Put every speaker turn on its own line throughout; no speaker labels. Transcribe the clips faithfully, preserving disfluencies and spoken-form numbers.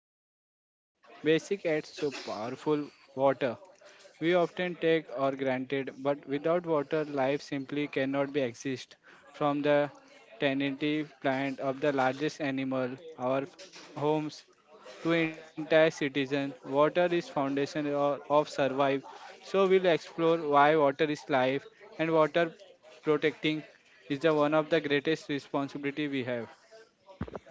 is something so basic and so powerful water. We often
To
take or granted, but without water, life simply cannot be exist. From the tenancy plant of the largest animal, our homes, to entire citizen, water is foundation or- of survive. So we'll explore why water is life and water protecting is the one of the greatest responsibility we have.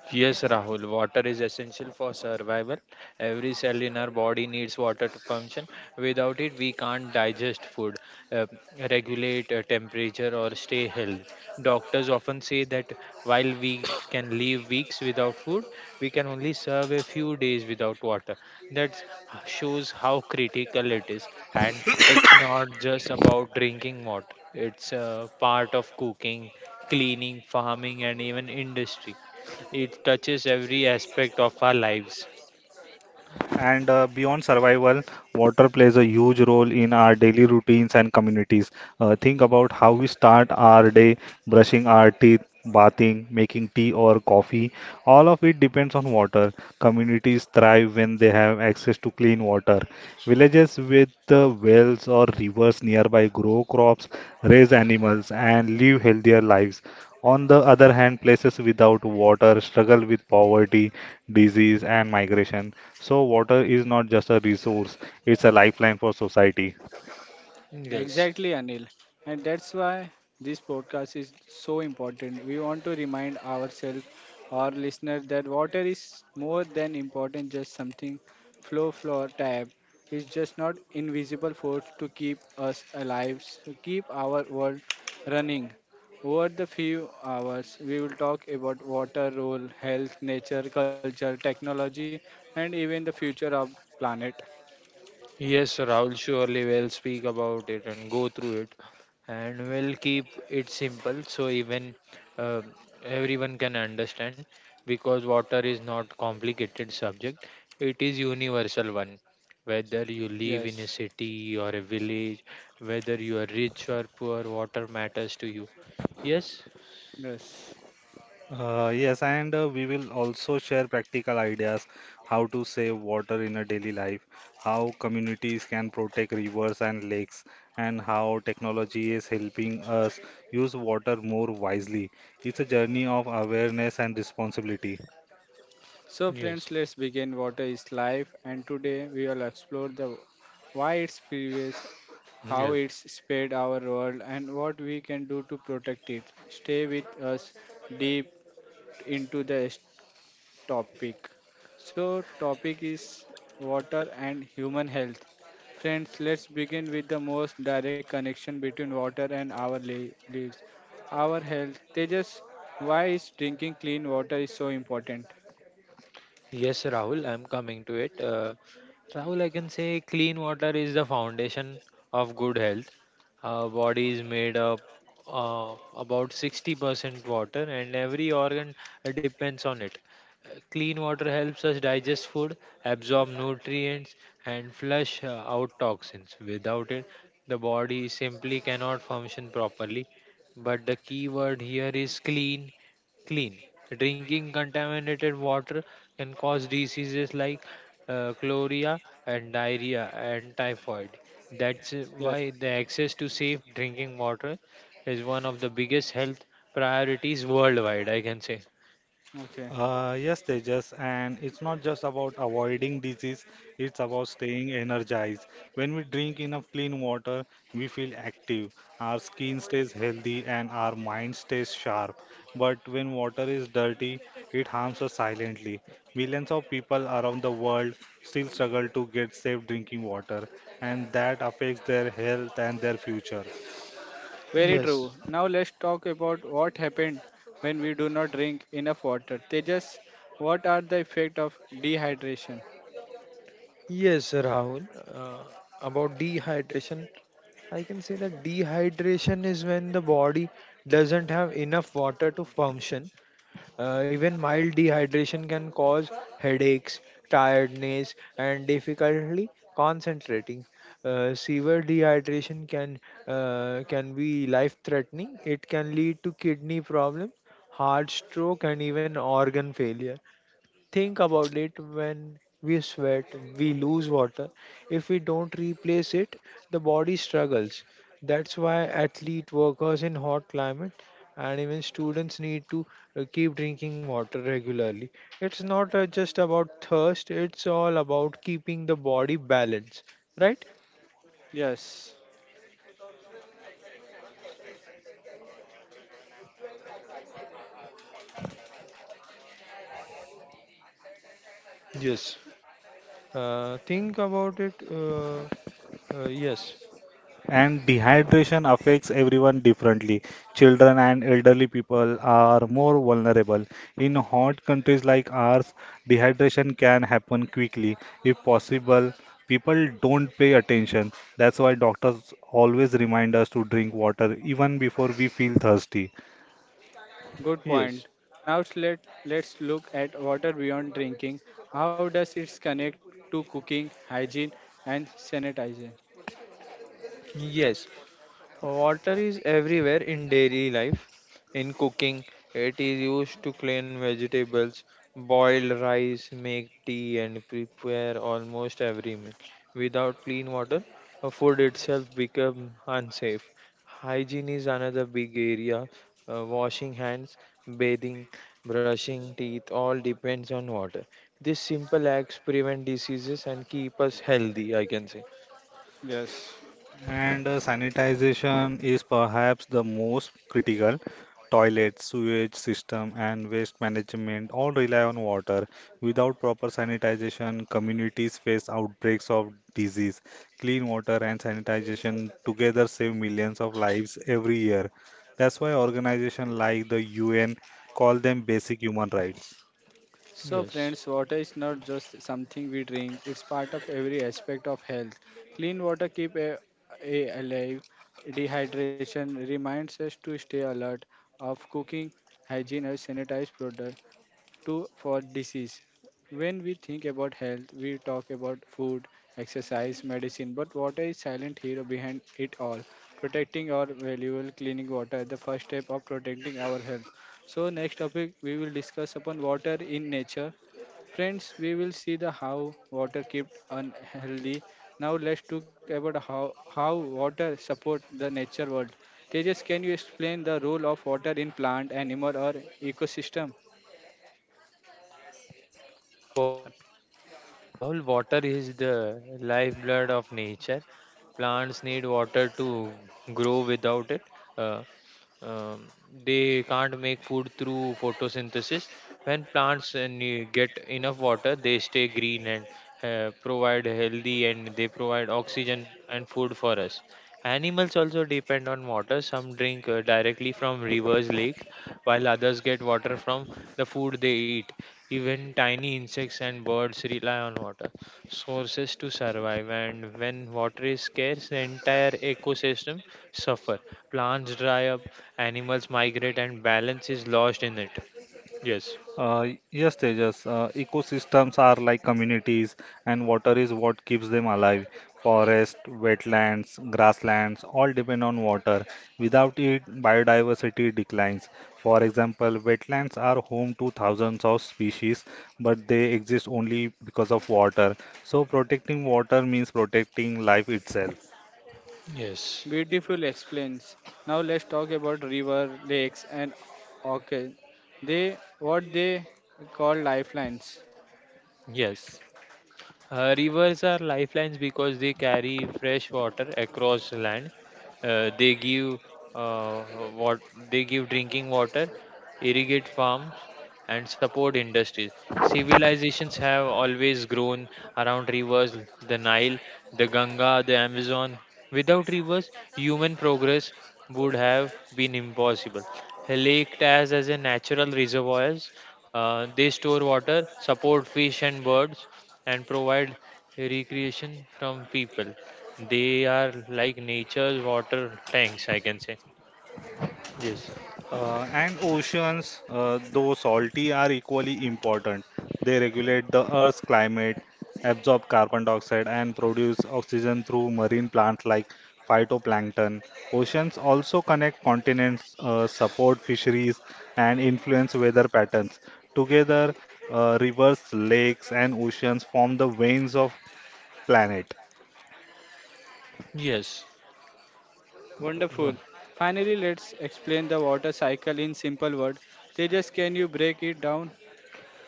Yes, Rahul, water is essential for survival. Every cell in our body needs water to function. Without it, we can't digest food, uh, regulate uh, temperature, or stay healthy. Doctors often say that while we can live weeks without food, we can only survive a few days without water. That shows
this.
how critical it is. And it's not just about drinking water, it's a part of cooking, cleaning, farming, and even industry. It touches every aspect of our lives.
And uh, Beyond survival, water plays a huge role in our daily routines and communities. Uh, think about how we start our day, brushing our teeth, bathing, making tea or coffee. All of it depends on water. Communities thrive when they have access to clean water. Villages with uh, wells or rivers nearby grow crops, raise animals, and live healthier lives. On the other hand, places without water struggle with poverty, disease, and migration. So water is not just a resource, it's a lifeline for society.
Yes.
Exactly, Anil. And that's why this podcast is so important. We want to remind ourselves, our listener, that water is more than important, just something flow, flow, tap. It's just not invisible force to keep us alive, s- keep our world running. Over the few hours, we will talk about water role, health, nature, culture, technology, and even the future of planet.
Yes, Rahul, surely will speak about it and go through it, and we'll keep it simple so even uh, everyone can understand because water is not complicated subject. It is universal one. Whether you live
Yes,
in a city or a village, whether you are rich or poor, water matters to you. Yes.
yes.
Uh, yes, and uh, we will also share practical ideas how to save water in a daily life, how communities can protect rivers and lakes, and how technology is helping us use water more wisely. It's a journey of awareness and responsibility.
So,
Yes.
friends, let's begin. Water is life, and today we will explore the why it's previous, how
Yes.
it's spared our world, and what we can do to protect it. Stay with us deep into the s- topic. So, topic is water and human health. Friends, let's begin with the most direct connection between water and our li- lives, our health. Tejas, why is drinking clean water is so important?
Yes, Rahul, I'm coming to it. Uh, Rahul, I can say clean water is the foundation of good health. Our body is made up of about sixty percent water, and every organ uh, depends on it. Uh, Clean water helps us digest food, absorb nutrients, and flush uh, out toxins. Without it, the body simply cannot function properly. But the key word here is clean clean. Drinking contaminated water can cause diseases like uh, cholera and diarrhea and typhoid. That's uh,
Yeah,
why the access to safe drinking water is one of the biggest health priorities worldwide, I can say.
okay.
Uh, yes, Tejas, and it's not just about avoiding disease, it's about staying energized. When we drink enough clean water, we feel active, our skin stays healthy, and our mind stays sharp. But when water is dirty, it harms us silently. Millions of people around the world still struggle to get safe drinking water, and that affects their health and their future.
Very
Yes,
true. Now let's talk about what happened when we do not drink enough water. Tejas, what are the effects of dehydration?
yes, Rahul. Uh, about dehydration, I can say that dehydration is when the body doesn't have enough water to function. Uh, even mild dehydration can cause headaches, tiredness, and difficulty concentrating. Uh, severe dehydration can uh, can be life-threatening. It can lead to kidney problems, heart stroke, and even organ failure. Think about it when we sweat, we lose water. If we don't replace it, the body struggles. That's why athlete workers in hot climate and even students need to uh, keep drinking water regularly. It's not uh, just about thirst, it's all about keeping the body balanced, right?
Yes,
Yes. Uh, think about it. Uh, uh, yes.
And dehydration affects everyone differently. Children and elderly people are more vulnerable. In hot countries like ours, dehydration can happen quickly. If possible, people don't pay attention. That's why doctors always remind us to drink water even before we feel thirsty.
good
Yes.
point. Now let, let's look at water beyond drinking. How does it connect to cooking, hygiene, and sanitizing?
Yes. Water is everywhere in daily life. In cooking, it is used to clean vegetables, boil rice, make tea, and prepare almost every meal. Without clean water, uh, food itself becomes unsafe. Hygiene is another big area. Uh, washing hands, bathing, brushing teeth all depends on water. These simple acts prevent diseases and keep us healthy, I can say.
Yes.
And uh, Sanitization is perhaps the most critical. Toilets, sewage system, and waste management all rely on water. Without proper sanitization, communities face outbreaks of disease. Clean water and sanitization together save millions of lives every year. That's why organizations like the U N call them basic human rights.
So,
Yes.
friends, water is not just something we drink, it's part of every aspect of health. Clean water keeps a, a alive. Dehydration reminds us to stay alert of cooking, hygiene, or sanitized product to for disease. When we think about health, we talk about food, exercise, medicine, but water is silent hero behind it all. Protecting our valuable cleaning water is the first step of protecting our health. So next topic we will discuss upon water in nature. Friends, we will see the how water kept unhealthy. Now let's talk about how, how water support the nature world. Tejas, can you explain the role of water in plant, animal or ecosystem?
Yes, yes, Rahul, of course. Uh, Rahul, water is the lifeblood of nature. Plants need water to grow without it. Uh, um, they can't make food through photosynthesis. When plants uh, ne- get enough water, they stay green and uh, provide healthy and they provide oxygen and food for us. Animals also depend on water. Some drink uh, directly from rivers, lakes, while others get water from the food they eat. Even tiny insects and birds rely on water sources to survive. And when water is scarce, the entire ecosystem suffer plants dry up, animals migrate and balance is lost in it. Yes.
Uh, yes, Tejas, uh, ecosystems are like communities, and water is what keeps them alive. Forest, wetlands, grasslands all depend on water. Without it, biodiversity declines. For example, wetlands are home to thousands of species, but they exist only because of water. So, protecting water means protecting life itself.
Yes.
Beautiful explains. Now let's talk about river, lakes and okay. They what they call lifelines.
Yes. Uh, rivers are lifelines because they carry fresh water across land. Uh, they give uh, what they give drinking water, irrigate farms, and support industries. Civilizations have always grown around rivers: the Nile, the Ganga, the Amazon. Without rivers, human progress would have been impossible. A lake acts as a natural reservoirs. Uh, they store water, support fish and birds, and provide recreation from people. They are like nature's water tanks, I can say. Yes,
Uh, and oceans, uh, though salty, are equally important. They regulate the Earth's climate, absorb carbon dioxide, and produce oxygen through marine plants like phytoplankton. Oceans also connect continents, uh, support fisheries, and influence weather patterns. Together, uh, rivers, lakes, and oceans form the veins of planet.
yes.
Wonderful. Finally, let's explain the water cycle in simple word. Tejas, can you break it down?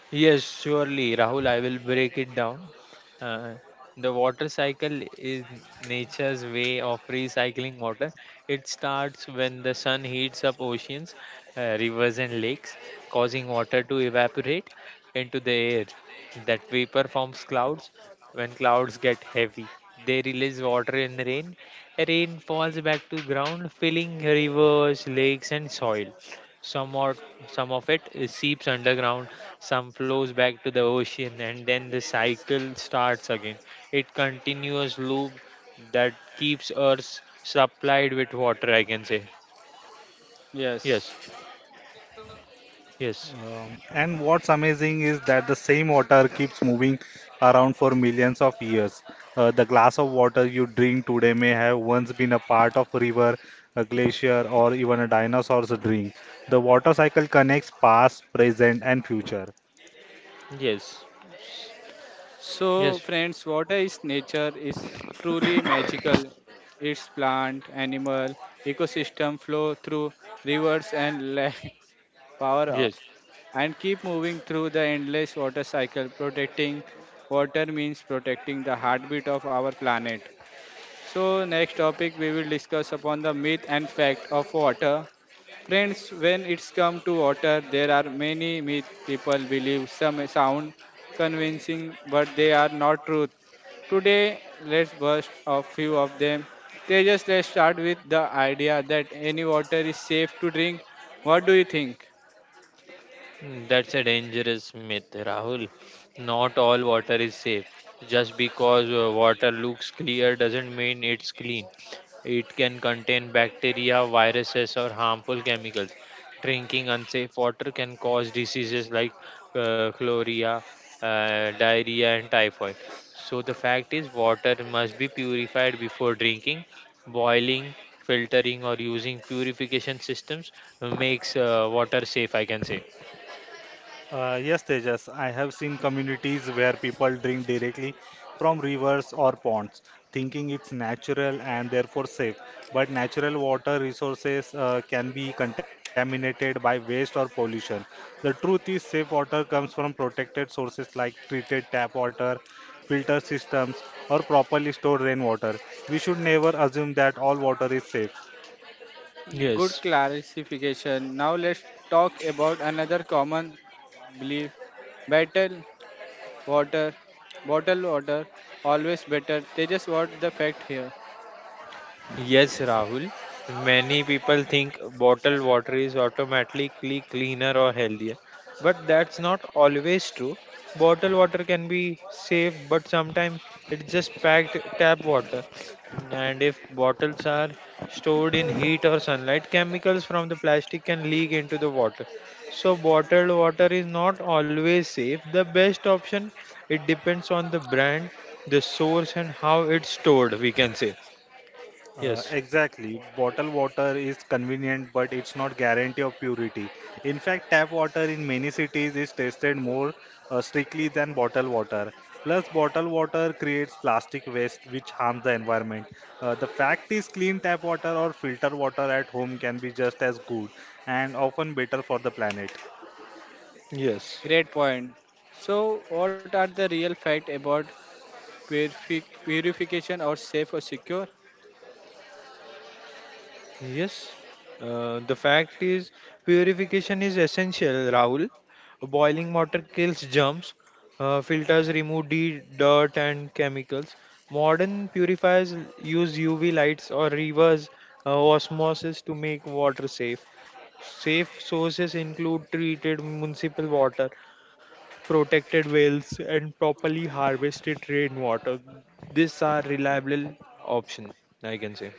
Yes, surely, Rahul. I will break it down. Uh, the water cycle is nature's way of recycling water. It starts when the sun heats up oceans, uh, rivers, and lakes, causing water to evaporate into the air. That vapor forms clouds. When clouds get heavy, they release water in rain. Rain falls back to ground, filling rivers, lakes, and soil. Some, or, some of it is seeps underground, some flows back to the ocean, and then the cycle starts again. It continuous loop that keeps Earth supplied with water, I can say. Yes,
Yes.
yes,
Um, and what's amazing is that the same water keeps moving around for millions of years. Uh, the glass of water you drink today may have once been a part of a river, a glacier, or even a dinosaur's drink. The water cycle connects past, present, and future.
yes,
So,
yes,
friends, water is nature is truly magical. Its plant, animal, ecosystem flow through rivers and lakes, power up,
yes.
and keep moving through the endless water cycle. Protecting water means protecting the heartbeat of our planet. So next topic we will discuss upon the myth and fact of water. Friends, when it's come to water, there are many myth people believe some sound convincing, but they are not truth. Today, let's burst a few of them. They just let's start with the idea that any water is safe to drink. What do you think?
Mm, that's a dangerous myth, Rahul. Not all water is safe. Just because uh, water looks clear doesn't mean it's clean. It can contain bacteria, viruses, or harmful chemicals. Drinking unsafe water can cause diseases like uh, chlorella, uh, diarrhea, and typhoid. So, the fact is, water must be purified before drinking. Boiling, filtering, or using purification systems makes uh, water safe, I can say.
Uh, yes, Tejas, I have seen communities where people drink directly from rivers or ponds, thinking it's natural and therefore safe. But natural water resources uh, can be contaminated by waste or pollution. The truth is, safe water comes from protected sources like treated tap water, filter systems, or properly stored rainwater. We should never assume that all water is safe.
Yes,
Good clarification. Now let's talk about another common belief battle. Water, bottled water, always better. They just want the fact here.
yes, Rahul. Many people think bottled water is automatically cleaner or healthier, but that's not always true. Bottled water can be safe, but sometimes it's just packed tap water. And if bottles are stored in heat or sunlight, chemicals from the plastic can leak into the water. So, bottled water is not always safe. The best option, it depends on the brand, the source, and how it's stored, we can say.
Uh,
Yes,
exactly. Bottled water is convenient, but it's not guarantee of purity. In fact, tap water in many cities is tested more uh, strictly than bottled water. Plus, bottled water creates plastic waste, which harms the environment. Uh, the fact is, clean tap water or filter water at home can be just as good and often better for the planet.
yes,
Great point. So, what are the real fact about purifi- purification or safe or secure?
yes. Uh, the fact is, purification is essential, Rahul. Boiling water kills germs, uh, filters remove de- dirt and chemicals. Modern purifiers use U V lights or reverse uh, osmosis to make water safe. Safe sources include treated municipal water, protected wells, and properly harvested rainwater. These are reliable option, I can say.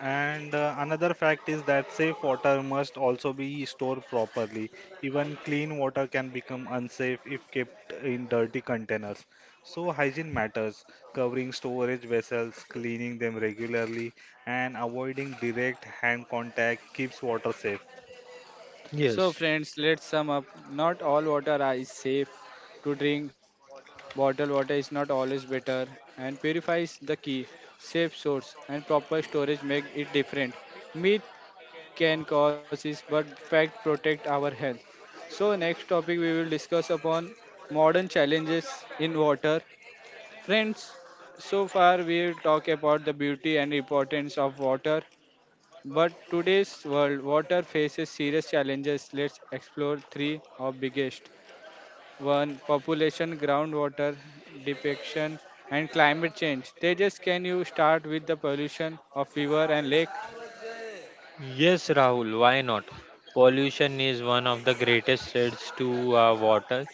And uh, Another fact is that safe water must also be stored properly. Even clean water can become unsafe if kept in dirty containers. So, hygiene matters. Covering storage vessels, cleaning them regularly, and avoiding direct hand contact keeps water safe.
So,
Yes.
friends, let's sum up. Not all water are- is safe to drink. Bottled water is not always better, and purify is the key. Safe source and proper storage make it different. Myth can cause is but fact protect our health. So next topic we will discuss upon modern challenges in water. Friends, so far we talk about the beauty and importance of water, but today's world water faces serious challenges. Let's explore three of biggest. One, population, groundwater depiction and climate change. Tejas, can you start with the pollution of river and lake?
Yes, Rahul, why not? Pollution is one of the greatest threats to our water.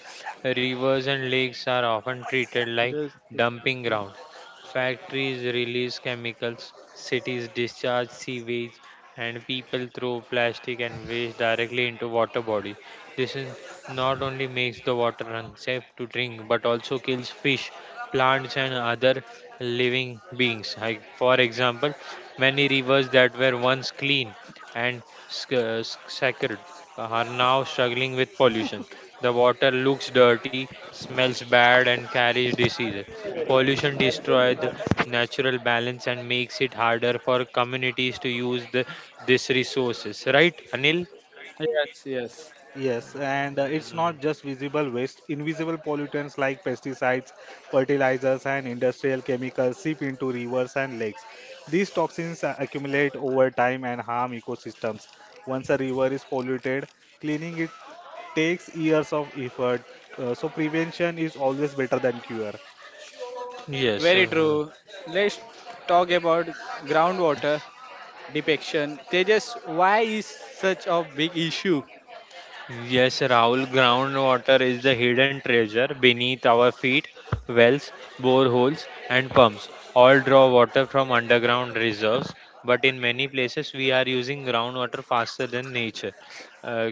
Rivers and lakes are often treated like dumping ground. Factories release chemicals, cities discharge sewage, and people throw plastic and waste directly into water body. This is not only makes the water unsafe to drink but also kills fish, plants, and other living beings. Like, for example, many rivers that were once clean and sc- uh, sc- sacred are now struggling with pollution. The water looks dirty, smells bad, and carries diseases. Pollution destroys the natural balance and makes it harder for communities to use the, these resources. Right, Anil?
Yes, yes.
Yes, and uh, it's not just
Mm.
visible waste. Invisible pollutants like pesticides, fertilizers, and industrial chemicals seep into rivers and lakes. These toxins uh, accumulate over time and harm ecosystems. Once a river is polluted, cleaning it takes years of effort. Uh, so, prevention is always better than cure.
Yes,
Very
uh,
true. Let's talk about groundwater depiction. Tejas, why is such a big issue?
yes, Rahul. Groundwater is the hidden treasure beneath our feet. Wells, boreholes, and pumps all draw water from underground reserves, but in many places we are using groundwater faster than nature. uh,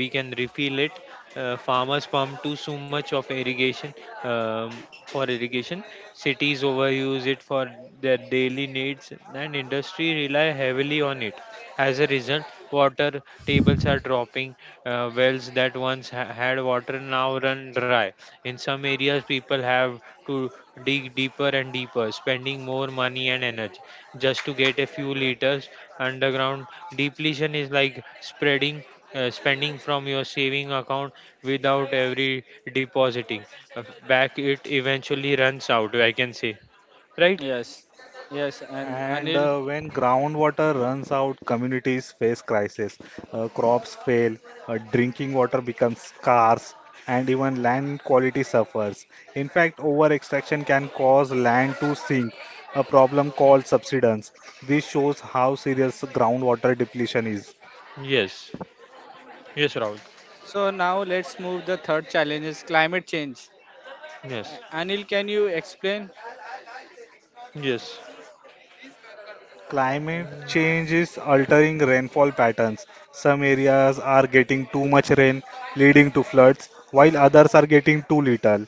we can refill it. uh, farmers pump too so much of irrigation, um, for irrigation, cities overuse it for their daily needs and industry rely heavily on it. As a result, water tables are dropping. uh, wells that once ha- had water now run dry try. In some areas, people have to dig deeper and deeper, spending more money and energy just to get a few liters underground. Depletion is like spreading. Uh, spending from your saving account without every depositing. Uh, back it eventually runs out, I can say, right?
Yes, yes, and
And
Anil.
uh, When groundwater runs out, communities face crisis. Uh, crops fail, uh, drinking water becomes scarce, and even land quality suffers. In fact, over extraction can cause land to sink, a problem called subsidence. This shows how serious groundwater depletion is.
Yes, yes, Rahul.
So now let's move the third challenge is climate change.
Yes,
A- Anil, can you explain?
yes.
Climate
Mm,
change is altering rainfall patterns. Some areas are getting too much rain, leading to floods, while others are getting too little,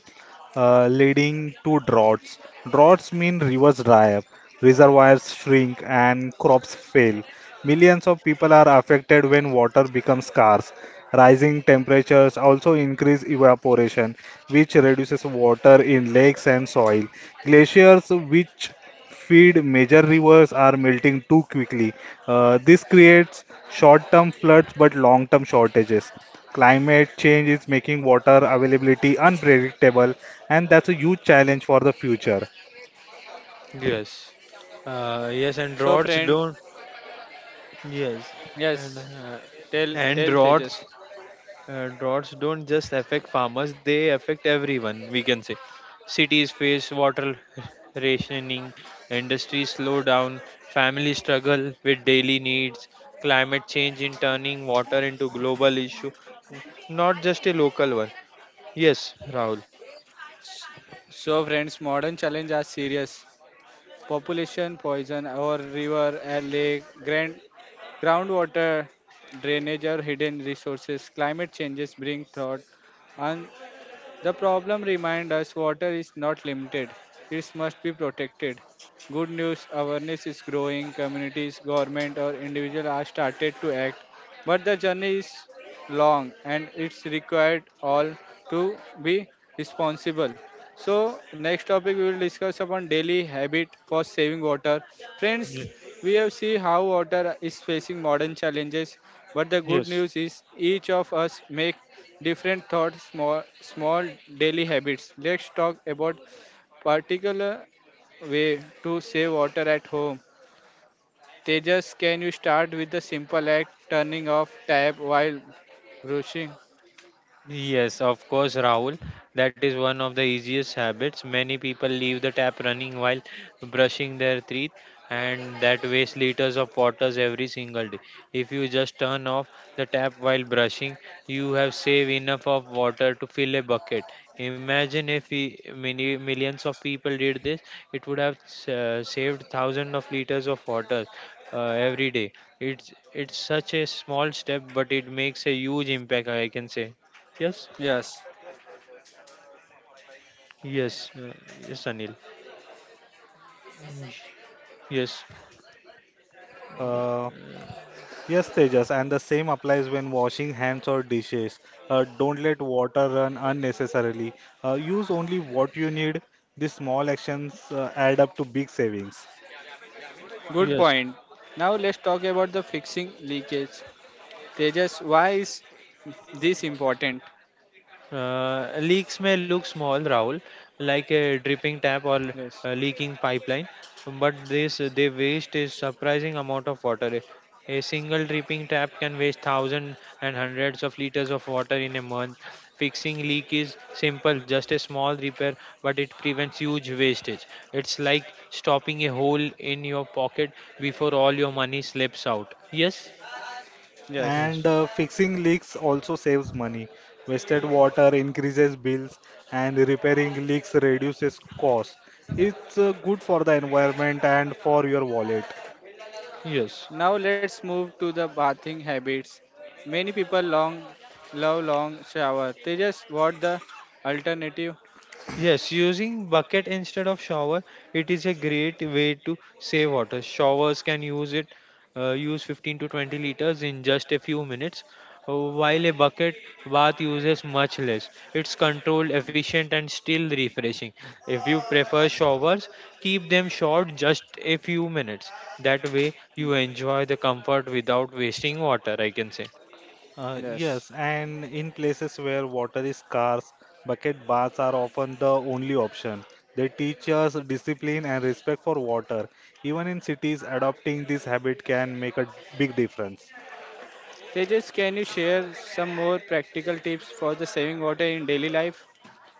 uh, leading to droughts. Droughts mean rivers dry up, reservoirs shrink, and crops fail. Millions of people are affected when water becomes scarce. Rising temperatures also increase evaporation, which reduces water in lakes and soil. Glaciers, which feed major rivers are melting too quickly. Uh, this creates short term floods but long term shortages. Climate change is making water availability unpredictable, and that's a huge challenge for the future.
yes uh, yes
So
and rods
friend,
don't. Yes
yes,
and uh,
tell tell
and
Tejas.
rods uh, droughts don't just affect farmers, they affect everyone, we can say. Cities face water rationing, industries slow down, families struggle with daily needs, climate change in turning water into global issue, not just a local one. Yes, Rahul.
So friends, modern challenge are serious. Population, poison, or river, a lake, grand Groundwater drainage are hidden resources. Climate changes bring drought, and the problem remind us water is not limited. It must be protected. Good news, awareness is growing. Communities, government, or individual are started to act, but the journey is long, and it's required all to be responsible. So next topic we will discuss upon daily habit for saving water. Friends,
Ye-
we have seen how water is facing modern challenges, but the good
Yes.
news is each of us make different thoughts, small, small daily habits. Let's talk about particular way to save water at home. Tejas, can you start with the simple act turning off tap while brushing?
Yes, of course, Rahul. That is one of the easiest habits. Many people leave the tap running while brushing their teeth, and that wastes liters of waters every single day. If you just turn off the tap while brushing, you have saved enough of water to fill a bucket. Imagine if we, many millions of people did this, it would have uh, saved thousands of liters of water uh, every day. It's it's such a small step, but it makes a huge impact. I can say. Yes,
Yes,
yes, uh, yes, Anil. Mm, yes,
Uh, yes, Tejas, and the same applies when washing hands or dishes. Uh, don't let water run unnecessarily. Uh, use only what you need. These small actions uh, add up to big savings.
good
yes.
point. Now let's talk about the fixing leakage. Tejas, why is this important?
Uh, leaks may look small, Rahul, like a dripping tap
Yes.
or a leaking pipeline, but this they waste a surprising amount of water. A single dripping tap can waste thousands and hundreds of liters of water in a month. Fixing leak is simple, just a small repair, but it prevents huge wastage. It's like stopping a hole in your pocket before all your money slips out. Yes.
Yes.
Yes.
And uh, Fixing leaks also saves money. Wasted water increases bills, and repairing leaks reduces costs. It's uh, good for the environment and for your wallet.
Yes.
Now let's move to the bathing habits. Many people long love long shower. Tejas, what the alternative?
Yes, using bucket instead of shower, it is a great way to save water. Showers can use it, uh, use fifteen to twenty liters in just a few minutes, uh, while a bucket bath uses much less. It's controlled, efficient, and still refreshing. If you prefer showers, keep them short, just a few minutes. That way, you enjoy the comfort without wasting water, I can say.
Uh,
Yes.
yes, and in places where water is scarce, bucket baths are often the only option. They teach us discipline and respect for water. Even in cities, adopting this habit can make a big difference.
Tejas, can you share some more practical tips for the saving water in daily life?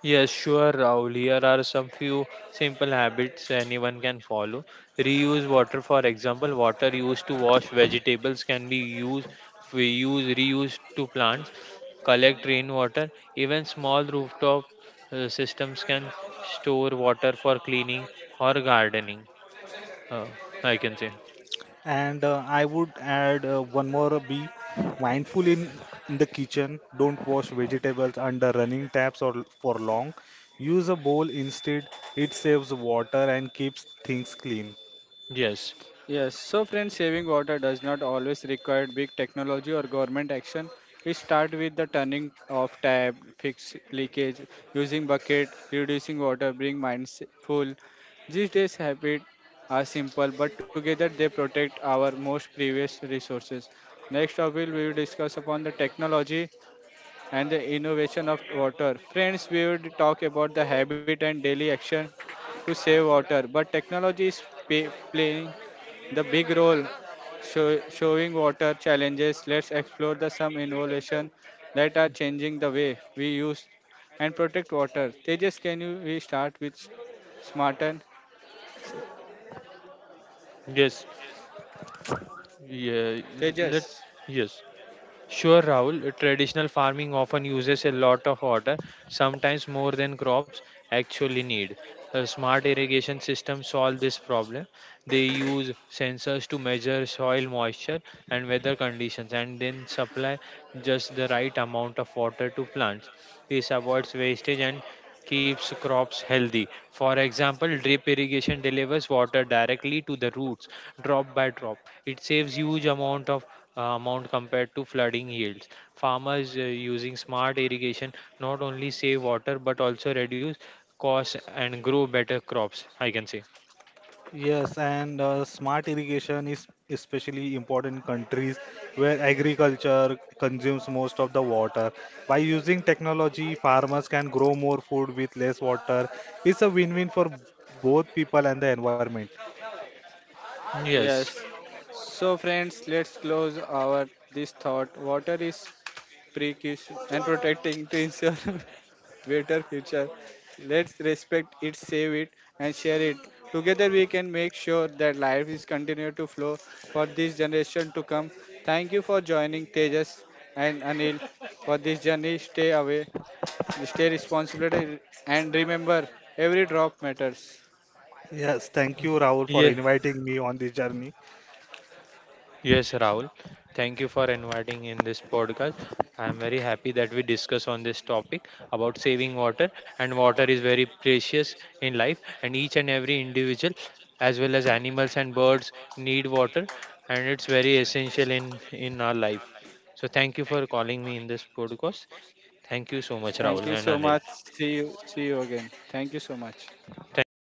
Yes, sure, Rahul. Here are some few simple habits anyone can follow. Reuse water, for example, water used to wash vegetables can be used, we use reused to plants. Collect rainwater. Even small rooftop uh, systems can store water for cleaning or gardening. Uh, I can say
And uh, I would add uh, one more uh, be mindful in, in the kitchen. Don't wash vegetables under running taps or l- for long. Use a bowl instead. It saves water and keeps things clean.
yes,
Yes, so friends, saving water does not always require big technology or government action. It starts with the turning off tap, fix leakage, using bucket, reducing water, being mindful. These days habits are simple, but together they protect our most precious resources. Next topic we will discuss upon the technology and the innovation of water. Friends, we would talk about the habit and daily action to save water, but technology is pay, playing the big role show, showing water challenges. Let's explore the some innovation that are changing the way we use and protect water. Tejas, can you we start with s- smarten?
yes, yeah.
Tejas.
Let's yes. Sure, Rahul. Traditional farming often uses a lot of water, sometimes more than crops actually need. A smart irrigation systems solve this problem. They use sensors to measure soil moisture and weather conditions and then supply just the right amount of water to plants. This avoids wastage and keeps crops healthy. For example, drip irrigation delivers water directly to the roots, drop by drop. It saves huge amount of uh, amount compared to flooding yields. Farmers uh, using smart irrigation not only save water but also reduce costs and grow better crops. I can say
Yes, and uh, smart irrigation is especially important in countries where agriculture consumes most of the water. By using technology, farmers can grow more food with less water. It's a win-win for both people and the environment.
Yes.
yes,
So friends, let's close our this thought. Water is precaution and protecting to ensure better future. Let's respect it, save it, and share it. Together, we can make sure that life is continued to flow for this generation to come. Thank you for joining Tejas and Anil for this journey. Stay away, stay responsible, and remember every drop matters.
Yes, thank you, Rahul, for
yeah,
inviting me on this journey.
yes, Rahul. Thank you for inviting in this podcast. I am very happy that we discuss on this topic about saving water and water is very precious in life and each and every individual as well as animals and birds need water and it's very essential in in our life. So thank you for calling me in this podcast. Thank you so much,
Thank
Rahul
you
and
so
Anil.
much. See you. See you again. Thank you so much.
Thank you.